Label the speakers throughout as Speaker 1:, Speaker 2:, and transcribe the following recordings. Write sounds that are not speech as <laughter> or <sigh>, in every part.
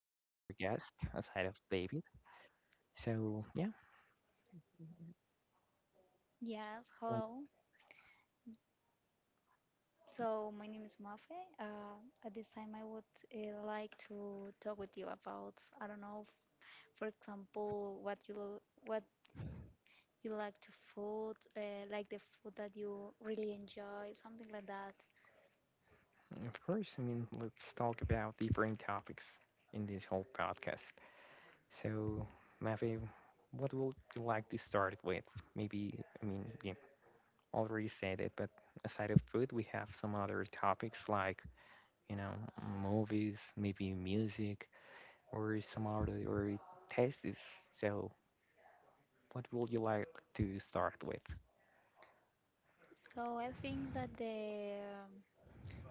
Speaker 1: another guest aside of David. So, yeah,
Speaker 2: Yes,
Speaker 1: and
Speaker 2: hello. So my name is Mafe. At this time, I would like to talk with you about, I don't know, for example, what you like to food, like the food that you really enjoy, something like that.
Speaker 1: of course, I mean, let's talk about different topics in this whole podcast. So, Mavi, what would you like to start with? Maybe, I mean, you already said it, but aside of food, we have some other topics like, you know, movies, maybe music, or some other or tastes. So, what would you like to start with?
Speaker 2: So I think that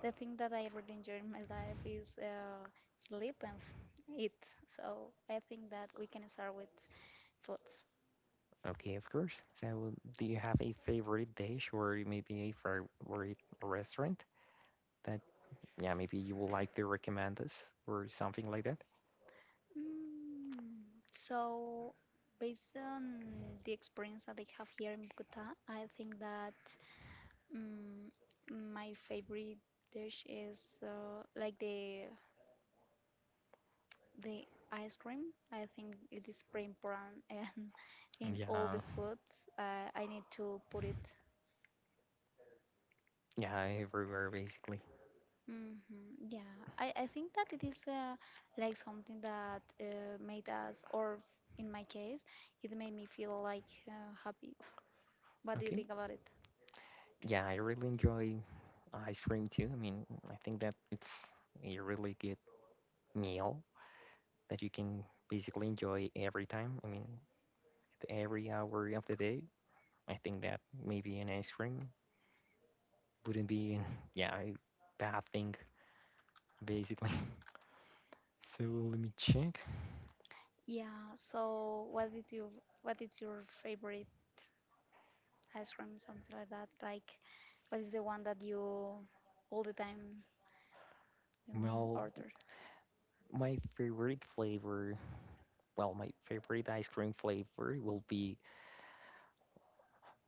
Speaker 2: the thing that I really enjoy in my life is sleep and eat. So I think that we can start with food.
Speaker 1: Okay, of course. So, do you have a favorite dish or maybe a favorite restaurant that, yeah, maybe you would like to recommend us or something like that?
Speaker 2: Mm, so, based on the experience that I have here in Bogota, I think that mm, my favorite dish is like the ice cream. I think it is pretty important, <laughs> and in all
Speaker 1: Yeah,
Speaker 2: the foods, I need to put it.
Speaker 1: yeah, everywhere basically.
Speaker 2: hmm Yeah, I think that it is like something that made us, or in my case, it made me feel like happy. What do you
Speaker 1: Okay.
Speaker 2: think about it?
Speaker 1: Yeah, I really enjoy ice cream too. I mean, I think that it's a really good meal that you can basically enjoy every time. I mean, at every hour of the day. I think that maybe an ice cream wouldn't be, yeah, a bad thing, basically. <laughs> So let me check.
Speaker 2: Yeah, so what is your favorite ice cream, something like that? Like what is the one that you all the time
Speaker 1: Well,
Speaker 2: order?
Speaker 1: my favorite flavor, well, my favorite ice cream flavor will be,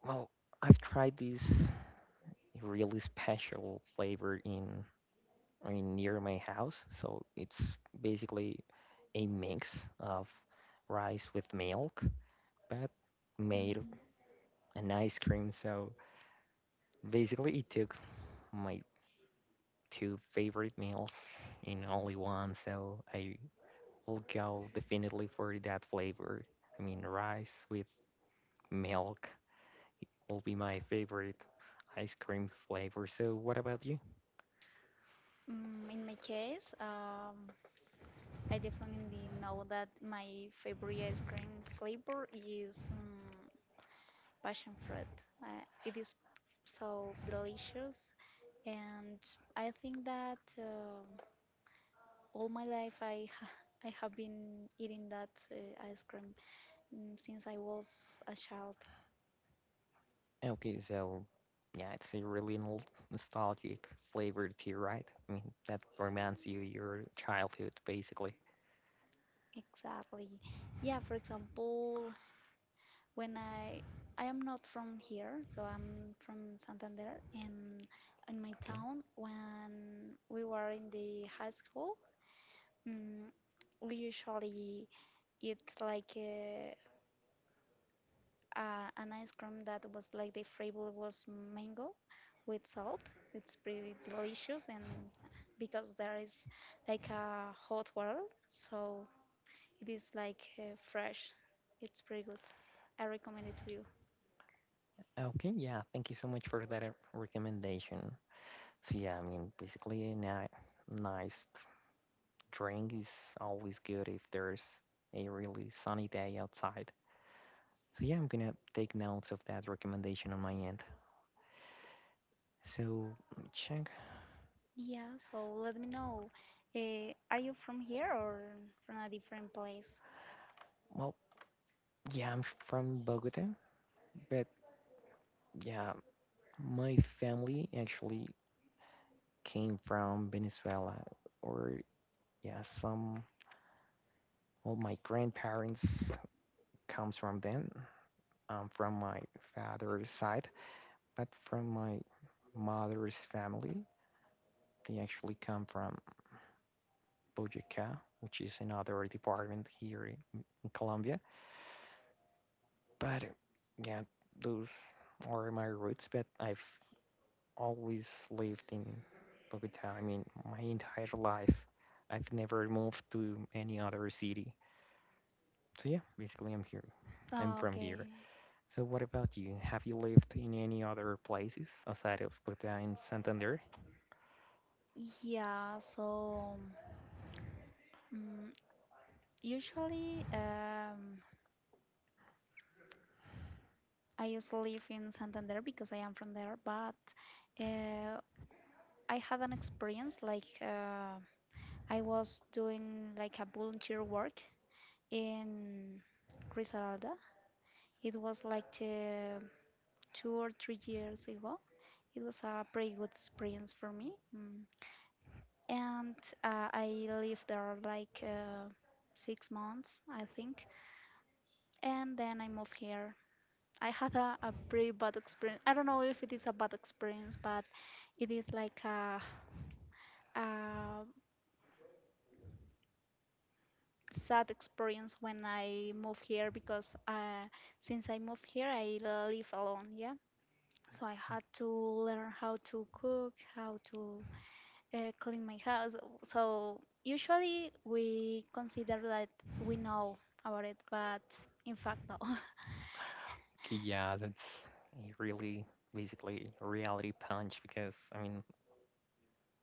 Speaker 1: well, I've tried this really special flavor in, I mean, near my house. So it's basically a mix of rice with milk, but made
Speaker 2: Mm,
Speaker 1: an ice cream. So basically, it took my two favorite meals in only one, so I will go definitely for that flavor. I mean, rice with milk will be my favorite ice cream flavor. So, what about you?
Speaker 2: in my case, I definitely know that my favorite ice cream flavor is passion fruit. It is so delicious, and I think that all my life I ha <laughs> I have been eating that ice cream since I was a child.
Speaker 1: Okay, so yeah, it's a really nostalgic flavor to you, right? I mean, that reminds you your childhood, basically.
Speaker 2: Exactly. Yeah, for example, when I am not from here, so I'm from Santander, and in my
Speaker 1: Okay.
Speaker 2: town, when we were in the high school, mm, we usually eat like an ice cream that was like the flavor was mango with salt. It's pretty delicious, and because there is like a hot water, so it is like fresh. It's pretty good. I recommend it to you.
Speaker 1: Okay, yeah, thank you so much for that recommendation. So yeah, I mean, basically a ni nice drink is always good if there's a really sunny day outside. So yeah, I'm gonna take notes of that recommendation on my end. So let me check.
Speaker 2: Yeah, so let me know. Are you from here or from a different place?
Speaker 1: Well, yeah, I'm from Bogota, but yeah, my family actually came from Venezuela, or yeah, some. Well, my grandparents comes from then, from my father's side, but from my mother's family, they actually come from Boyacá, which is another department here in, Colombia. But yeah, those are my roots, but I've always lived in Bogota. I mean, my entire life. I've never moved to any other city. So yeah, basically I'm here. I'm from here.
Speaker 2: Okay.
Speaker 1: So what about you? Have you lived in any other places outside of Bogota and Santander?
Speaker 2: Yeah, so mm usually I used to live in Santander because I am from there, but uh, I had an experience like I was doing like a volunteer work in Grisalda. It was like 2 or 3 years ago. It was a pretty good experience for me, and I lived there like 6 months, I think, and then I moved here. I had a pretty bad experience. I don't know if it is a bad experience, but it is like a sad experience. When I moved here, because since I moved here, I live alone, yeah? So I had to learn how to cook, how to clean my house. So usually we consider that we know about it, but in fact, no. <laughs>
Speaker 1: Okay, yeah, that's a really basically a reality punch because I mean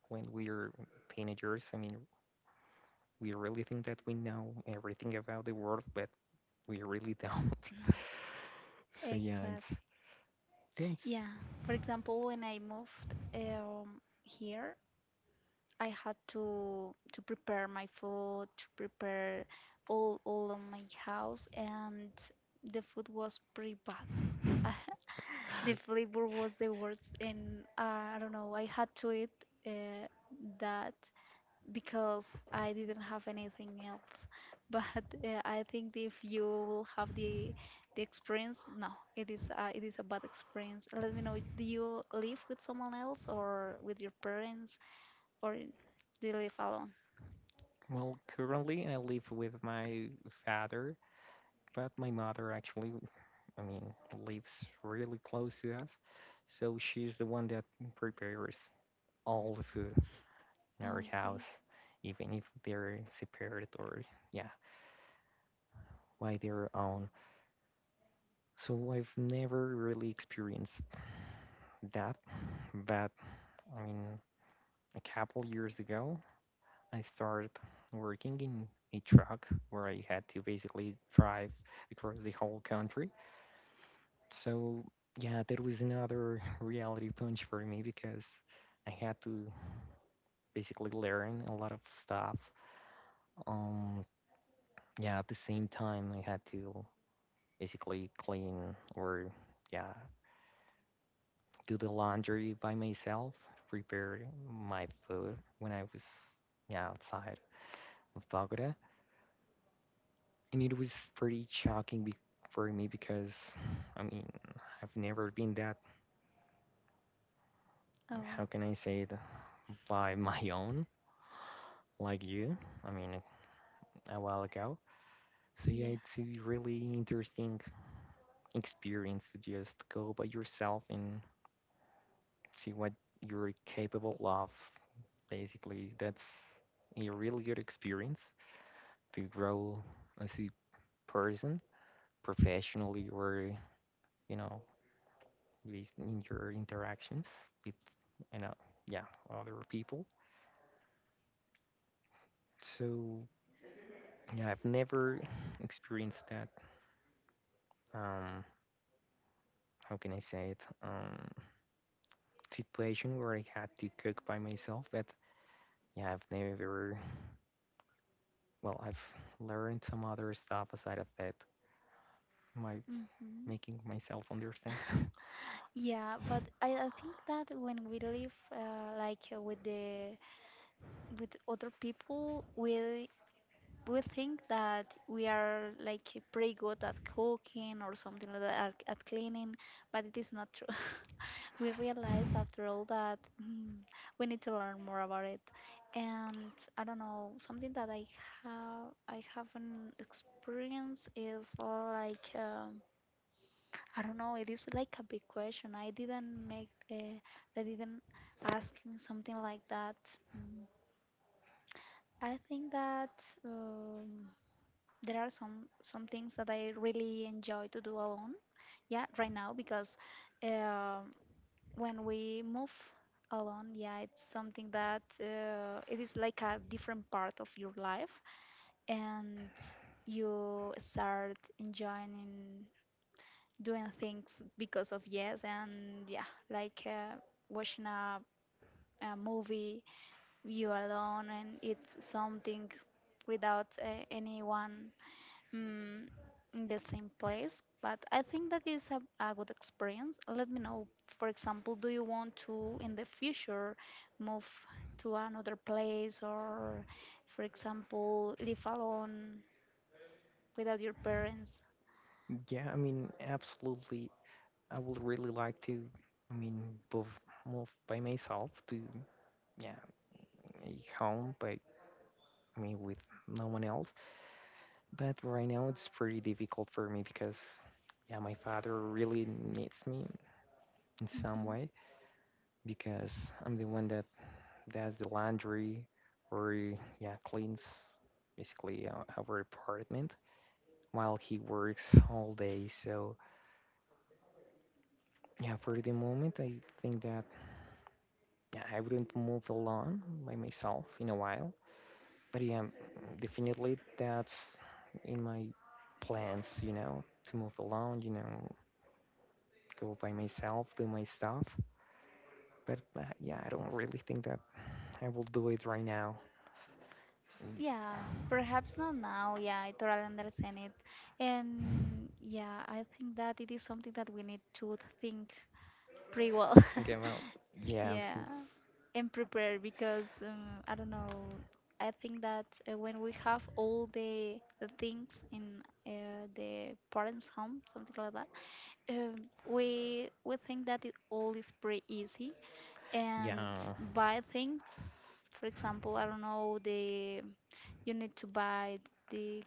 Speaker 1: when we are teenagers. I mean, we really think that we know everything about the world, but we really don't. <laughs> So
Speaker 2: Exactly.
Speaker 1: yeah, it's
Speaker 2: Yeah. For example, when I moved here, I had to prepare my food, to prepare all of my house, and the food was pretty bad. <laughs> The flavor was the worst, and I don't know. I had to eat uh, that because I didn't have anything else. <laughs> But I think if you will have the experience, no, it is a bad experience. Let me know. Do you live with someone else or with your parents, or do you live alone?
Speaker 1: well, currently I live with my father, but my mother actually, I mean, lives really close to us. So she's the one that prepares all the food in our
Speaker 2: Okay.
Speaker 1: house, even if they're separate or yeah, by their own. So I've never really experienced that, but I mean a couple years ago I started working in a truck where I had to basically drive across the whole country. So yeah, that was another <laughs> reality punch for me because I had to basically learn a lot of stuff. Um yeah, at the same time I had to basically clean or yeah, do the laundry by myself, prepare my food when I was yeah, outside of Bogota. And it was pretty shocking for me because, I mean, I've never been that, how
Speaker 2: Oh,
Speaker 1: can I say it, by <laughs> my own, like you, I mean, a while ago. So yeah,
Speaker 2: yeah.
Speaker 1: it's a really interesting experience to just go by yourself and see what you're capable of. Basically, that's a really good experience to grow as a person professionally or you know based in your interactions with you know yeah other people. So yeah, I've never experienced that, um how can I say it, situation where I had to cook by myself. But yeah, I've never, well, I've learned some other stuff aside of that my
Speaker 2: Mm-hmm.
Speaker 1: making myself understand
Speaker 2: Yeah, but I think that when we live like with other people, we think that we are like pretty good at cooking or something like that at cleaning, but it is not true. <laughs> We realize after all that we need to learn more about it. And I don't know, something that I haven't experienced is like I don't know, it is like a big question. I didn't make I didn't ask me something like that. Mm, I think that um, there are some things that I really enjoy to do alone, yeah, right now, because um when we move alone, yeah, it's something that it is like a different part of your life, and you start enjoying doing things because of yes. And yeah, like watching a movie, you alone, and it's something without anyone mm, in the same place, but I think that is a good experience. Let me know, for example, do you want to in the future move to another place or, for example, live alone without your parents?
Speaker 1: <laughs> yeah, I mean absolutely I would really like to, I mean, move, move by myself to, yeah, a home, but I mean, with no one else. But right now it's pretty difficult for me because, yeah, my father really needs me in some
Speaker 2: hmm
Speaker 1: way because I'm the one that does the laundry or, yeah, cleans basically our, apartment while he works all day. So, yeah, for the moment, I think that yeah, I wouldn't move alone by myself in a while. But yeah, definitely that's in my plans, to move alone, go by myself, do my stuff. But yeah, I don't really think that I will do it right now. Mm,
Speaker 2: Yeah, perhaps not now. Yeah, I totally understand it. And yeah, I think that it is something that we need to think pretty well. <laughs>
Speaker 1: Think about, yeah,
Speaker 2: Yeah,
Speaker 1: because,
Speaker 2: and prepare, because I don't know. I think that when we have all the things in the parents' home, something like that, we think that it all is pretty easy and
Speaker 1: yeah,
Speaker 2: buy things. For example, I don't know, the you need to buy the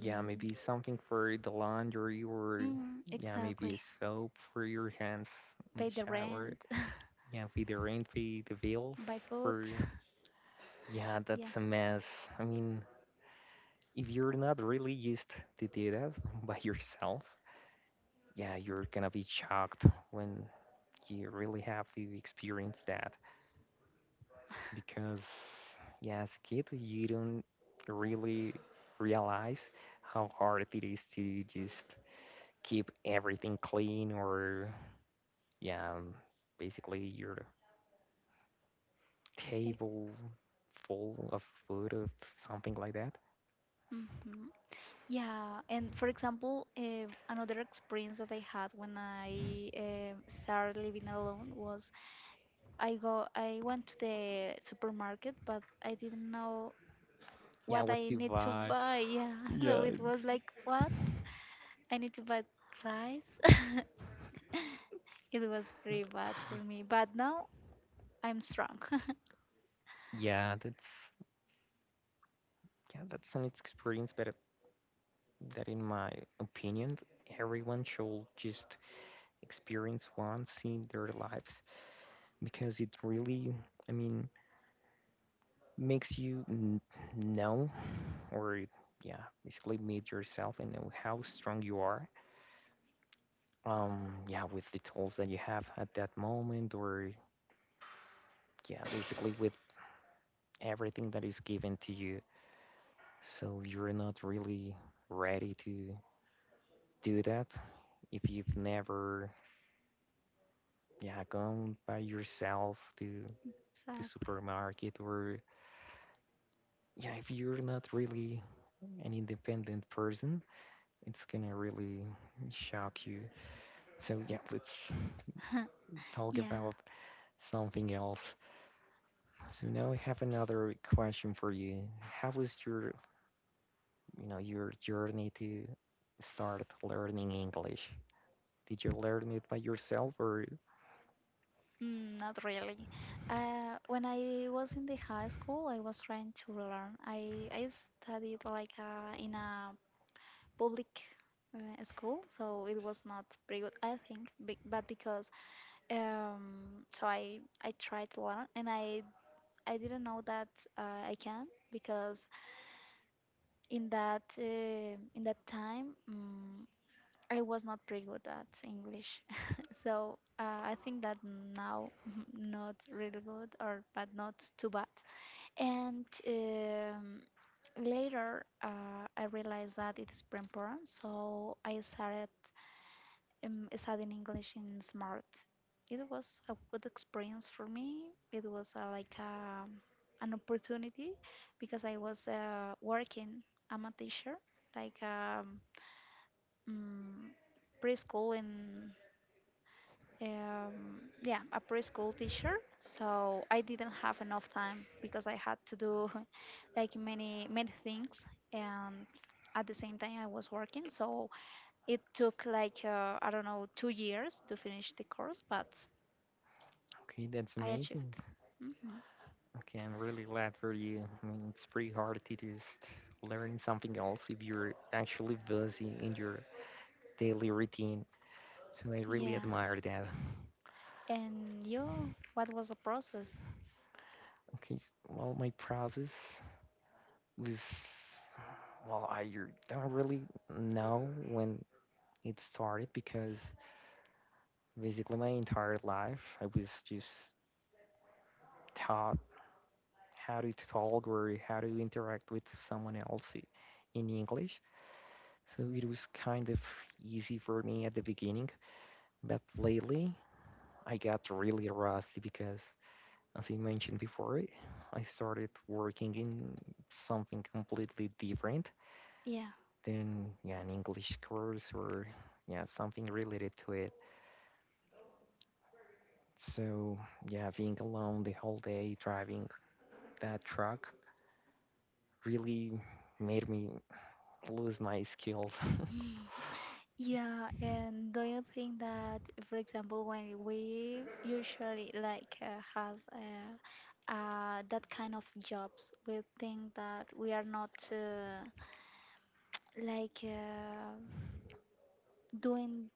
Speaker 1: yeah, maybe something for the laundry or, yeah, maybe a
Speaker 2: exactly,
Speaker 1: soap for your hands in the
Speaker 2: pay the
Speaker 1: shower.
Speaker 2: rent,
Speaker 1: Yeah, for the rent, for the bills,
Speaker 2: <laughs> buy food.
Speaker 1: for. Yeah,
Speaker 2: Yeah.
Speaker 1: that's a mess. I mean, if you're not really used to do that <laughs> by yourself, yeah, you're gonna be shocked when you really have to experience that. Because, yeah, as a kid, you don't really realize how hard it is to just keep everything clean or, yeah, basically your
Speaker 2: eh,
Speaker 1: table full of food or something like that.
Speaker 2: Mm-hmm. Yeah, and for example, another experience that I had when I started living alone was I went to the supermarket, but I didn't know
Speaker 1: Yeah,
Speaker 2: what
Speaker 1: what
Speaker 2: I
Speaker 1: to
Speaker 2: need to
Speaker 1: buy.
Speaker 2: buy. Yeah, <laughs> so it was like, what? I need to buy rice. <laughs> It was pretty bad for me, but now I'm strong.
Speaker 1: Yeah, that's. Yeah, that's an experience, but that in my opinion, everyone should just experience once in their lives because it really, I mean, makes you n know or yeah, basically meet yourself and know how strong you are. Yeah, with the tools that you have at that moment or yeah, basically with everything that is given to you. So you're not really ready to do that if you've never yeah going by yourself to
Speaker 2: <laughs>
Speaker 1: the
Speaker 2: Exactly.
Speaker 1: supermarket, or yeah, if you're not really an independent person it's gonna really shock you. So yeah, let's
Speaker 2: <laughs>
Speaker 1: talk
Speaker 2: Yeah.
Speaker 1: about something else. So now I have another question for you. How was your, you know, your journey to start learning English? Did you learn it by yourself or.
Speaker 2: Mm, not really. When I was in the high school, I was trying to learn. I studied like in a public school, so it was not pretty good, I think. Be but because so I tried to learn, and I didn't know that I can, because in that time, I was not pretty good at English. <laughs> So I think that now <laughs> not really good, or but not too bad. And later I realized that it is pretty important, so I started studying English in Smart. It was a good experience for me. It was like an opportunity, because I was working. I'm a teacher, like mm, preschool in yeah, a preschool teacher. So I didn't have enough time, because I had to do <laughs> like many things, and at the same time I was working. So it took like I don't know, 2 years to finish the course, but
Speaker 1: Okay, that's
Speaker 2: I achieved
Speaker 1: amazing.
Speaker 2: it. hmm
Speaker 1: Okay, I'm really glad for you. I mean, it's pretty hard to just learn something else if you're actually busy in your daily routine. So I really
Speaker 2: Yeah.
Speaker 1: admire that.
Speaker 2: And you, what was the process?
Speaker 1: Okay, well, my process was, well, I don't really know when it started because basically my entire life I was just taught how to talk or how to interact with someone else in English. So it was kind of easy for me at the beginning. But lately, I got really rusty because, as I mentioned before, I started working in something completely different
Speaker 2: Yeah.
Speaker 1: than yeah, an English course or yeah, something related to it. So yeah, being alone the whole day driving that truck really made me lose my skills.
Speaker 2: <laughs> Yeah, and do you think that, for example, when we usually like has that kind of jobs, we think that we are not like doing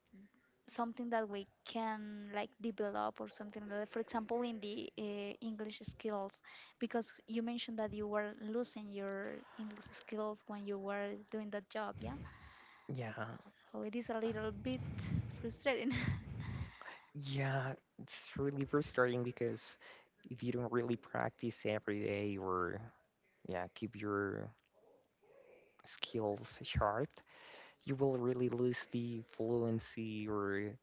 Speaker 2: something that we can like develop or something like that. For example, in the English skills, because you mentioned that you were losing your English skills when you were doing that job, yeah?
Speaker 1: <laughs> Yeah,
Speaker 2: So it is a little bit frustrating. <laughs>
Speaker 1: yeah, it's really frustrating because if you don't really practice every day or yeah, keep your skills sharp, you will really lose the fluency or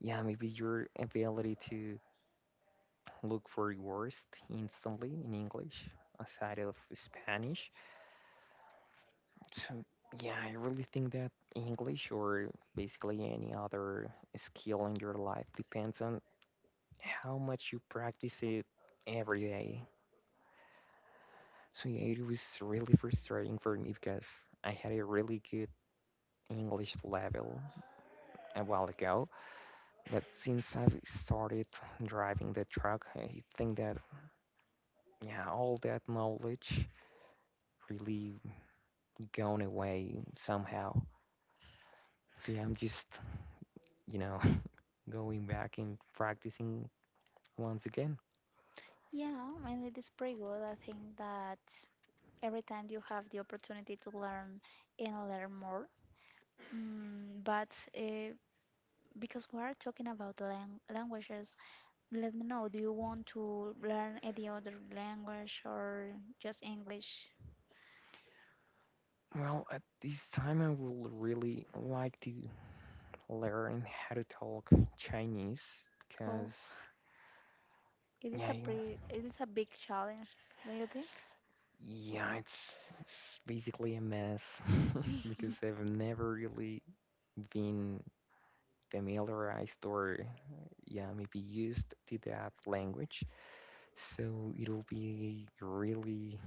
Speaker 1: yeah, maybe your ability to look for words instantly in English aside of Spanish. So yeah, I really think that English or basically any other skill in your life depends on how much you practice it every day. So yeah, it was really frustrating for me because I had a really good English level a while ago. But since I've started driving the truck, I think that yeah, all that knowledge really gone away somehow. So yeah, I'm just, you know, <laughs> going back and practicing once again.
Speaker 2: Yeah, and it is pretty good. I think that every time you have the opportunity to learn and learn more. But uh, because we are talking about languages, let me know, do you want to learn any other language or just English?
Speaker 1: Well, at this time, I would really like to learn how to talk Chinese because
Speaker 2: Oh, it is
Speaker 1: yeah,
Speaker 2: a
Speaker 1: you,
Speaker 2: pretty, it is a big challenge, don't you think?
Speaker 1: yeah, it's basically a mess <laughs>
Speaker 2: <laughs>
Speaker 1: because I've never really been familiarized or yeah maybe used to that language, so it'll be a really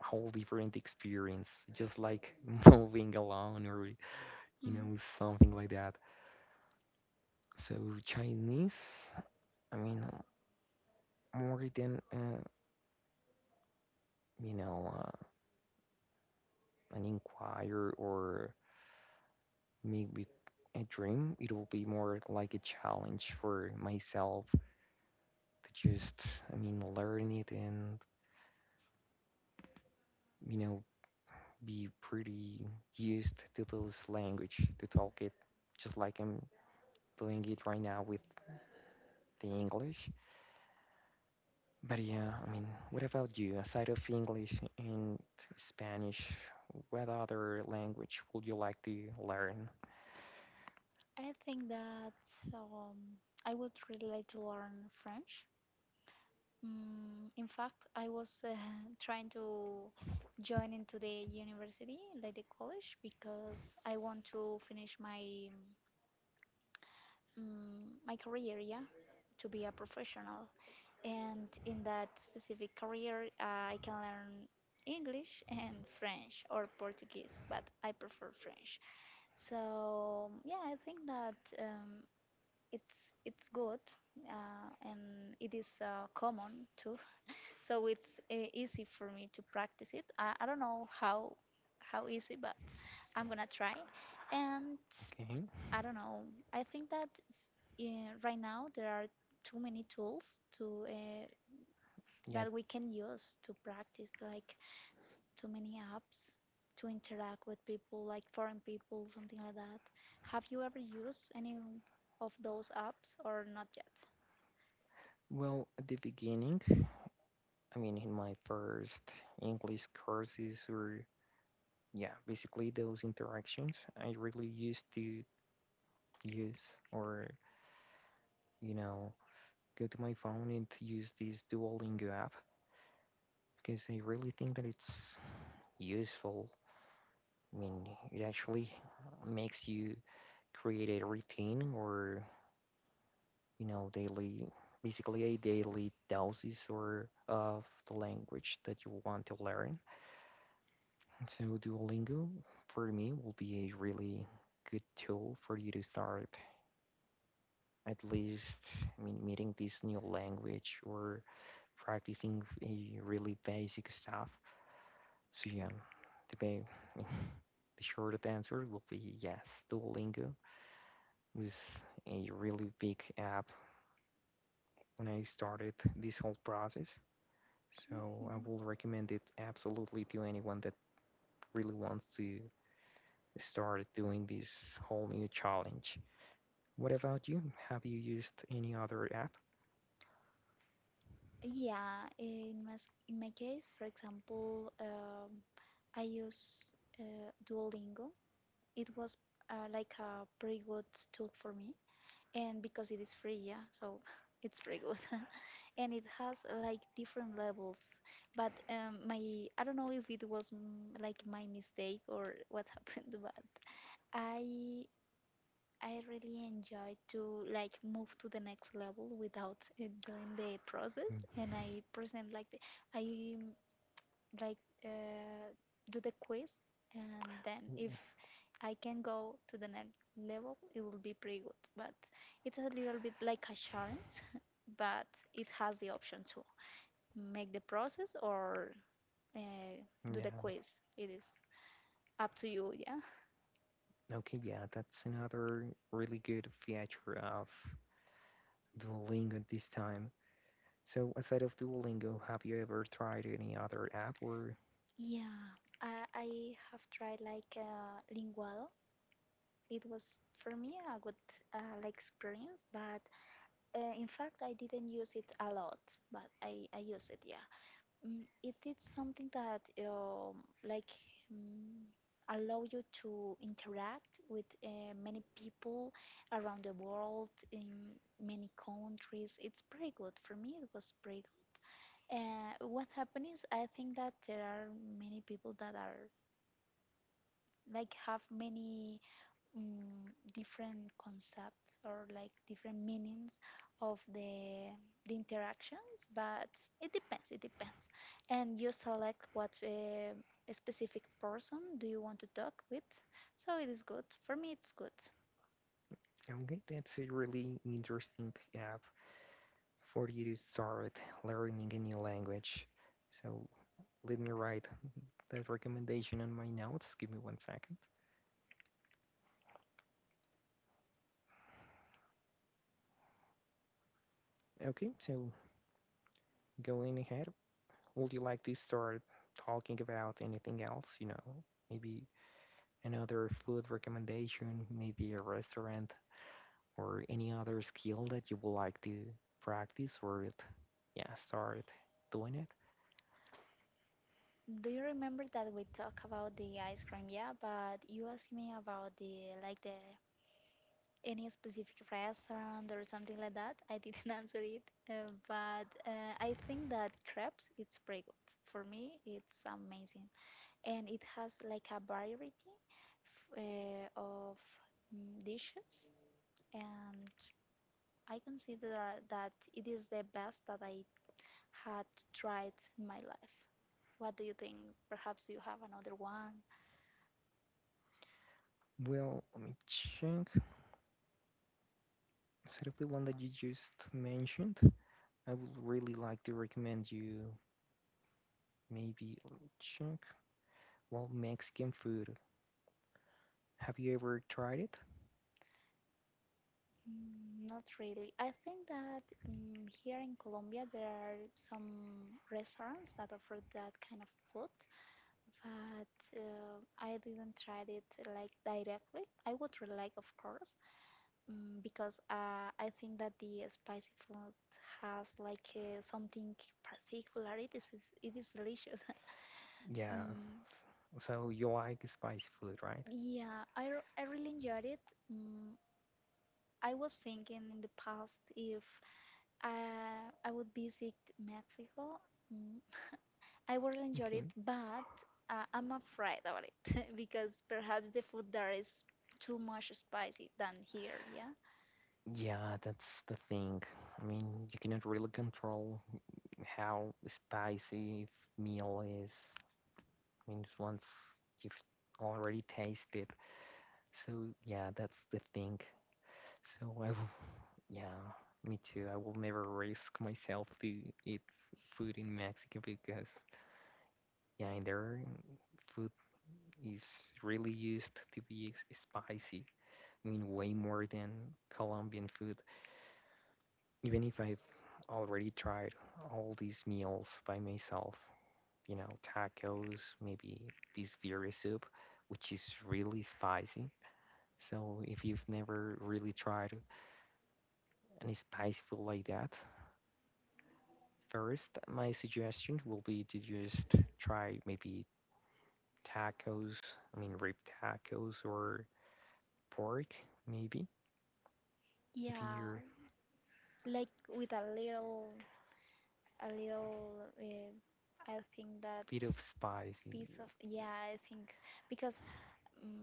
Speaker 1: whole different experience just like <laughs> moving alone or, you
Speaker 2: Mm.
Speaker 1: know, something like that. So Chinese, I mean, more than you know uh, an inquiry or maybe a dream, it'll be more like a challenge for myself to just, I mean, learn it and, you know, be pretty used to this language to talk it just like I'm doing it right now with the English. But yeah, I mean, what about you? Aside of English and Spanish, what other language would you like to learn?
Speaker 2: I think that um, I would really like to learn French. In fact, I was <laughs> trying to join into the university, like the college, because I want to finish my my career, yeah, to be a professional. And in that specific career, I can learn English and French or Portuguese, but I prefer French. So yeah, I think that. It's good and it is common too, so it's easy for me to practice it. I don't know how easy, but I'm gonna try. And
Speaker 1: Okay.
Speaker 2: I don't know, I think that yeah, right now there are too many tools to
Speaker 1: Yeah.
Speaker 2: that we can use to practice, like too many apps to interact with people, like foreign people, something like that. Have you ever used any of those apps or not yet?
Speaker 1: Well, at the beginning, I mean, in my first English courses or yeah, basically those interactions, I really used to use or, you know, go to my phone and use this Duolingo app because I really think that it's useful. I mean, it actually makes you create a routine or, you know, daily, basically a daily doses or of the language that you want to learn. So Duolingo for me will be a really good tool for you to start at least, I mean, meeting this new language or practicing a really basic stuff. So yeah, the ba- <laughs> the short answer will be yes. Duolingo was a really big app when I started this whole process. So I
Speaker 2: Mhm.
Speaker 1: will recommend it absolutely to anyone that really wants to start doing this whole new challenge. What about you? Have you used any other app?
Speaker 2: Yeah, in my, in my case, for example, I use Duolingo. It was like a pretty good tool for me, and because it is free, yeah, so <laughs> it's pretty good. <laughs> And it has like different levels, but my I don't know if it was like my mistake or what <laughs> happened, but I I really enjoy to like move to the next level without doing the process,
Speaker 1: Mm.
Speaker 2: and I present like the, I like uh, do the quiz, and then if
Speaker 1: Mm.
Speaker 2: I can go to the next level, it will be pretty good. But it's a little bit like a challenge, <laughs> but it has the option to make the process or uh, do the
Speaker 1: Yeah.
Speaker 2: quiz. It is up to you, yeah.
Speaker 1: Okay, yeah, that's another really good feature of Duolingo at this time. So, aside of Duolingo, have you ever tried any other app? Or
Speaker 2: Yeah, I have tried linguado. It was for me a good like experience, but in fact I didn't use it a lot, but I use it, yeah. It did something that mm, allow you to interact with many people around the world in many countries. It's pretty good for me, it was pretty good. What happened is I think that there are many people that are like have many different concepts or like different meanings of the interactions, but it depends, it depends, and you select what a specific person do you want to talk with, so it is good for me, it's good.
Speaker 1: okay, that's a really interesting app for you to start learning a new language. So, let me write that recommendation on my notes. Give me one second. Okay, so going ahead, would you like to start talking about anything else, maybe another food recommendation, maybe a restaurant or any other skill that you would like to practice, or yeah, start doing it?
Speaker 2: Do you remember that we talk about the ice cream? Yeah, but you asked me about the like the any specific restaurant or something like that. I didn't <laughs> answer it, but I think that crepes, it's pretty good. For me, it's amazing, and it has like a variety of dishes, and I consider that it is the best that I had tried in my life. What do you think? Perhaps you have another one.
Speaker 1: Well, let me check. Sort of the one that you just mentioned, I would really like to recommend you. Maybe let me check. Well, Mexican food, have you ever tried it?
Speaker 2: Not really. I think that here in Colombia there are some restaurants that offer that kind of food, but I didn't try it like directly. I would really like, of course, because I think that the spicy food has like something particular. It is, it is delicious. <laughs>
Speaker 1: Yeah.
Speaker 2: Mm,
Speaker 1: So you like spicy food, right?
Speaker 2: yeah, I really enjoyed it. Mm, I was thinking in the past if I would visit Mexico. Mm, I would enjoy it,
Speaker 1: Okay,
Speaker 2: but I'm afraid about it <laughs> because perhaps the food there is too much spicy than here. Yeah,
Speaker 1: yeah, that's the thing. I mean, you cannot really control how spicy meal is means once you've already tasted. So yeah, that's the thing. So I will, <laughs> yeah, me too. I will never risk myself to eat food in Mexico because yeah, in there food is really used to be spicy. I mean, way more than Colombian food. Even if I've already tried all these meals by myself, you know, tacos, maybe this beer soup, which is really spicy. So if you've never really tried any spicy food like that, first my suggestion will be to just try maybe tacos, I mean rib tacos or pork maybe. If
Speaker 2: yeah,
Speaker 1: you're a
Speaker 2: like with a little, a little. Uh, I think that
Speaker 1: bit of spice
Speaker 2: piece of yeah I think because um,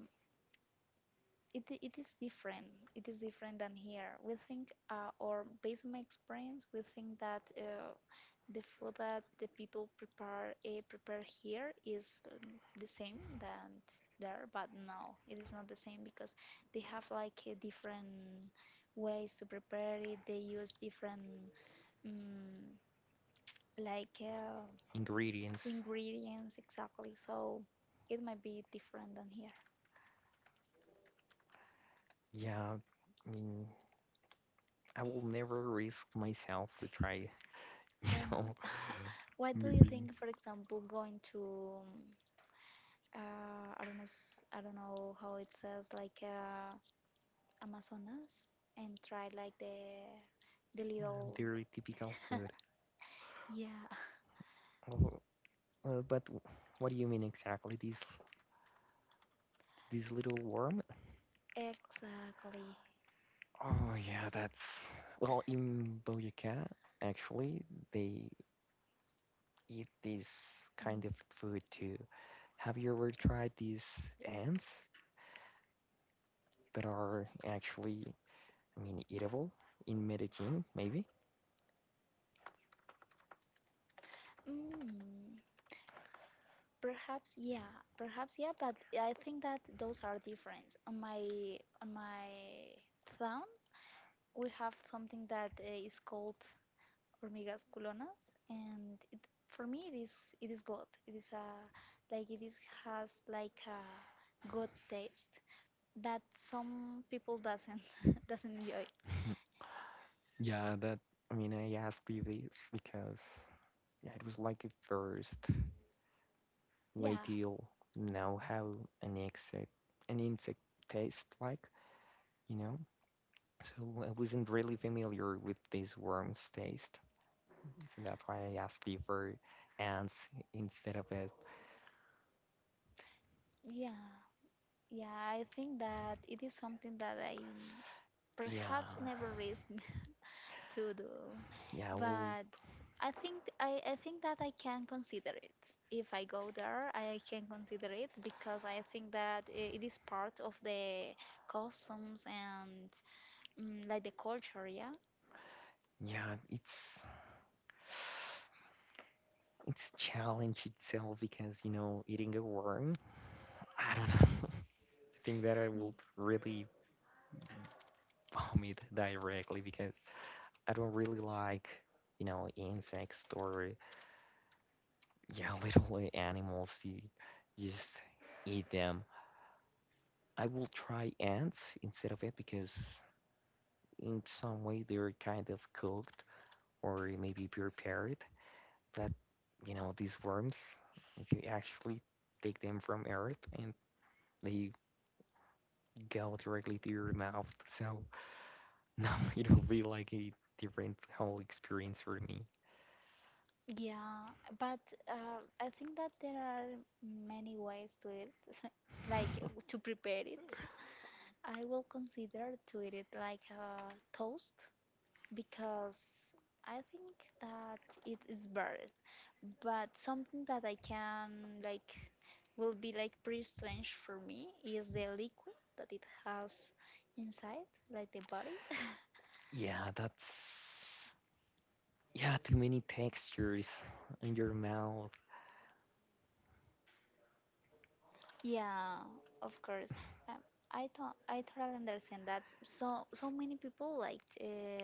Speaker 2: it is different, it is different than here. We think or based on my experience we think that the food that the people prepare prepare here is the same than there, but no, it is not the same because they have like different ways to prepare it. They use different um, like uh,
Speaker 1: ingredients,
Speaker 2: ingredients exactly. So it might be different than here.
Speaker 1: yeah, I mean I will never risk myself to try, <laughs> you
Speaker 2: Why not?
Speaker 1: know,
Speaker 2: <laughs> Why do you think, for example, going to I don't know I don't know how it says like. Amazonas and try like the little
Speaker 1: their typical food.
Speaker 2: yeah <laughs>
Speaker 1: Oh, but what do you mean exactly? This little worm.
Speaker 2: exactly
Speaker 1: Oh yeah, that's well in Boyaca actually they eat this
Speaker 2: mm.
Speaker 1: kind of food too. Have you ever tried these ants that are actually, I mean, eatable in Medellin maybe?
Speaker 2: Mm, perhaps yeah, perhaps yeah, but I think that those are different. On my town we have something that is called hormigas culonas, and it, for me it is, it is good, it is a like it is has like a good taste that some people doesn't <laughs> doesn't enjoy.
Speaker 1: Yeah, that, I mean, I asked you this because yeah, it was like a first
Speaker 2: Yeah,
Speaker 1: way to know how an insect an insect tastes like, you know? So I wasn't really familiar with this worm's taste. Mhm. So that's why I asked you for ants instead of it.
Speaker 2: yeah, yeah. I think that it is something that I
Speaker 1: Yeah,
Speaker 2: perhaps never risk <laughs> to do,
Speaker 1: yeah,
Speaker 2: but
Speaker 1: well,
Speaker 2: I, think I think that I can consider it. If I go there, I can consider it because I think that it is part of the customs and like the culture. Yeah.
Speaker 1: yeah, it's challenge itself because, eating a worm, I don't know. <laughs> I think that I
Speaker 2: Mm,
Speaker 1: would really vomit directly because I don't really like insects or yeah, <laughs> little animals. You just eat them. I will try ants instead of it because in some way they're kind of cooked or maybe prepared. But these worms, you actually take them from earth and they go directly to your mouth. So <laughs> now it'll be like a different whole experience for me.
Speaker 2: Yeah, but I think that there are many ways to it, like to prepare it. I will consider to eat it like a toast because I think that it is better. But something that I can like will be like pretty strange for me is the liquid that it has inside, like the body.
Speaker 1: Yeah, that's yeah, too many textures in your mouth.
Speaker 2: <laughs> Yeah, of course. Um, I thought I totally understand that. So many people like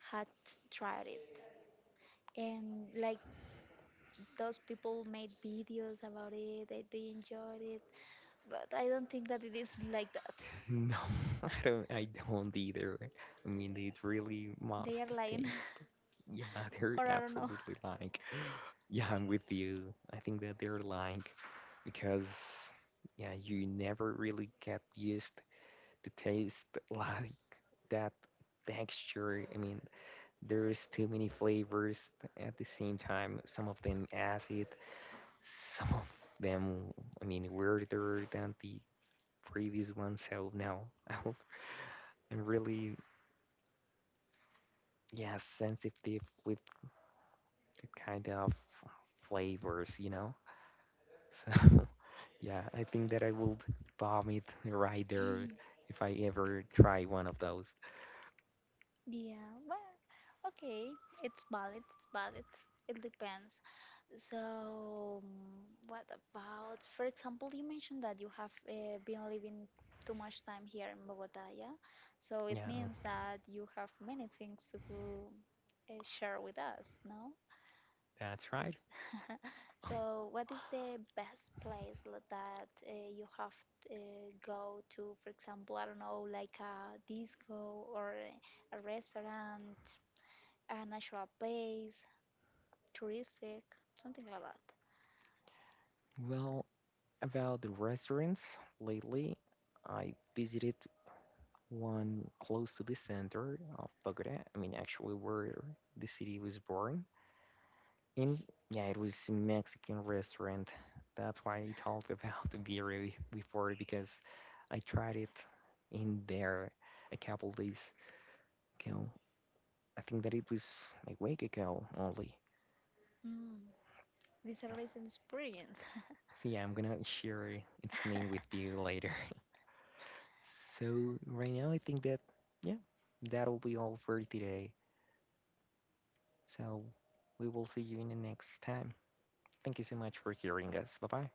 Speaker 2: had tried it, and like those people made videos about it. They enjoyed it, but I don't think that it is like that
Speaker 1: No, <laughs> I don't. I don't either. I mean, it's really
Speaker 2: they are
Speaker 1: must
Speaker 2: lying
Speaker 1: taste. Yeah, <laughs>
Speaker 2: <laughs> or
Speaker 1: they're
Speaker 2: I don't know.
Speaker 1: absolutely like. Yeah, I'm with you. I think that they're like because yeah, you never really get used to taste <laughs> like that texture. I mean, there's too many flavors at the same time. Some of them acid, <laughs> some of them, I mean, weirder than the previous one. So no, <laughs> I'm really yeah, sensitive with the kind of flavors, you know? So, <laughs> yeah, I think that I would vomit right there
Speaker 2: <laughs>
Speaker 1: if I ever try one of those.
Speaker 2: Yeah, well, okay, it's valid, it's valid, it depends. So what about, for example, you mentioned that you have been living too much time here in Bogota, yeah, so it
Speaker 1: Yeah,
Speaker 2: means that you have many things to share with us, no?
Speaker 1: that's
Speaker 2: S-
Speaker 1: right.
Speaker 2: <laughs> So, what is the best place that you have go to? For example, I don't know, like a disco or a restaurant, a natural place, touristic, something like that.
Speaker 1: Well, about the restaurants, lately I visited one close to the center of Bogota. I mean, actually, where the city was born. In yeah, it was a Mexican restaurant. That's why I talked <laughs> about the beer before because I tried it in there a couple days ago. I think that it was a week ago only.
Speaker 2: Mm, this is a recent experience.
Speaker 1: So yeah, I'm gonna share its name with
Speaker 2: <laughs>
Speaker 1: you later. <laughs> So right now I think that yeah, that'll be all for today. So we will see you in the next time. Thank you so much for hearing us. Bye bye.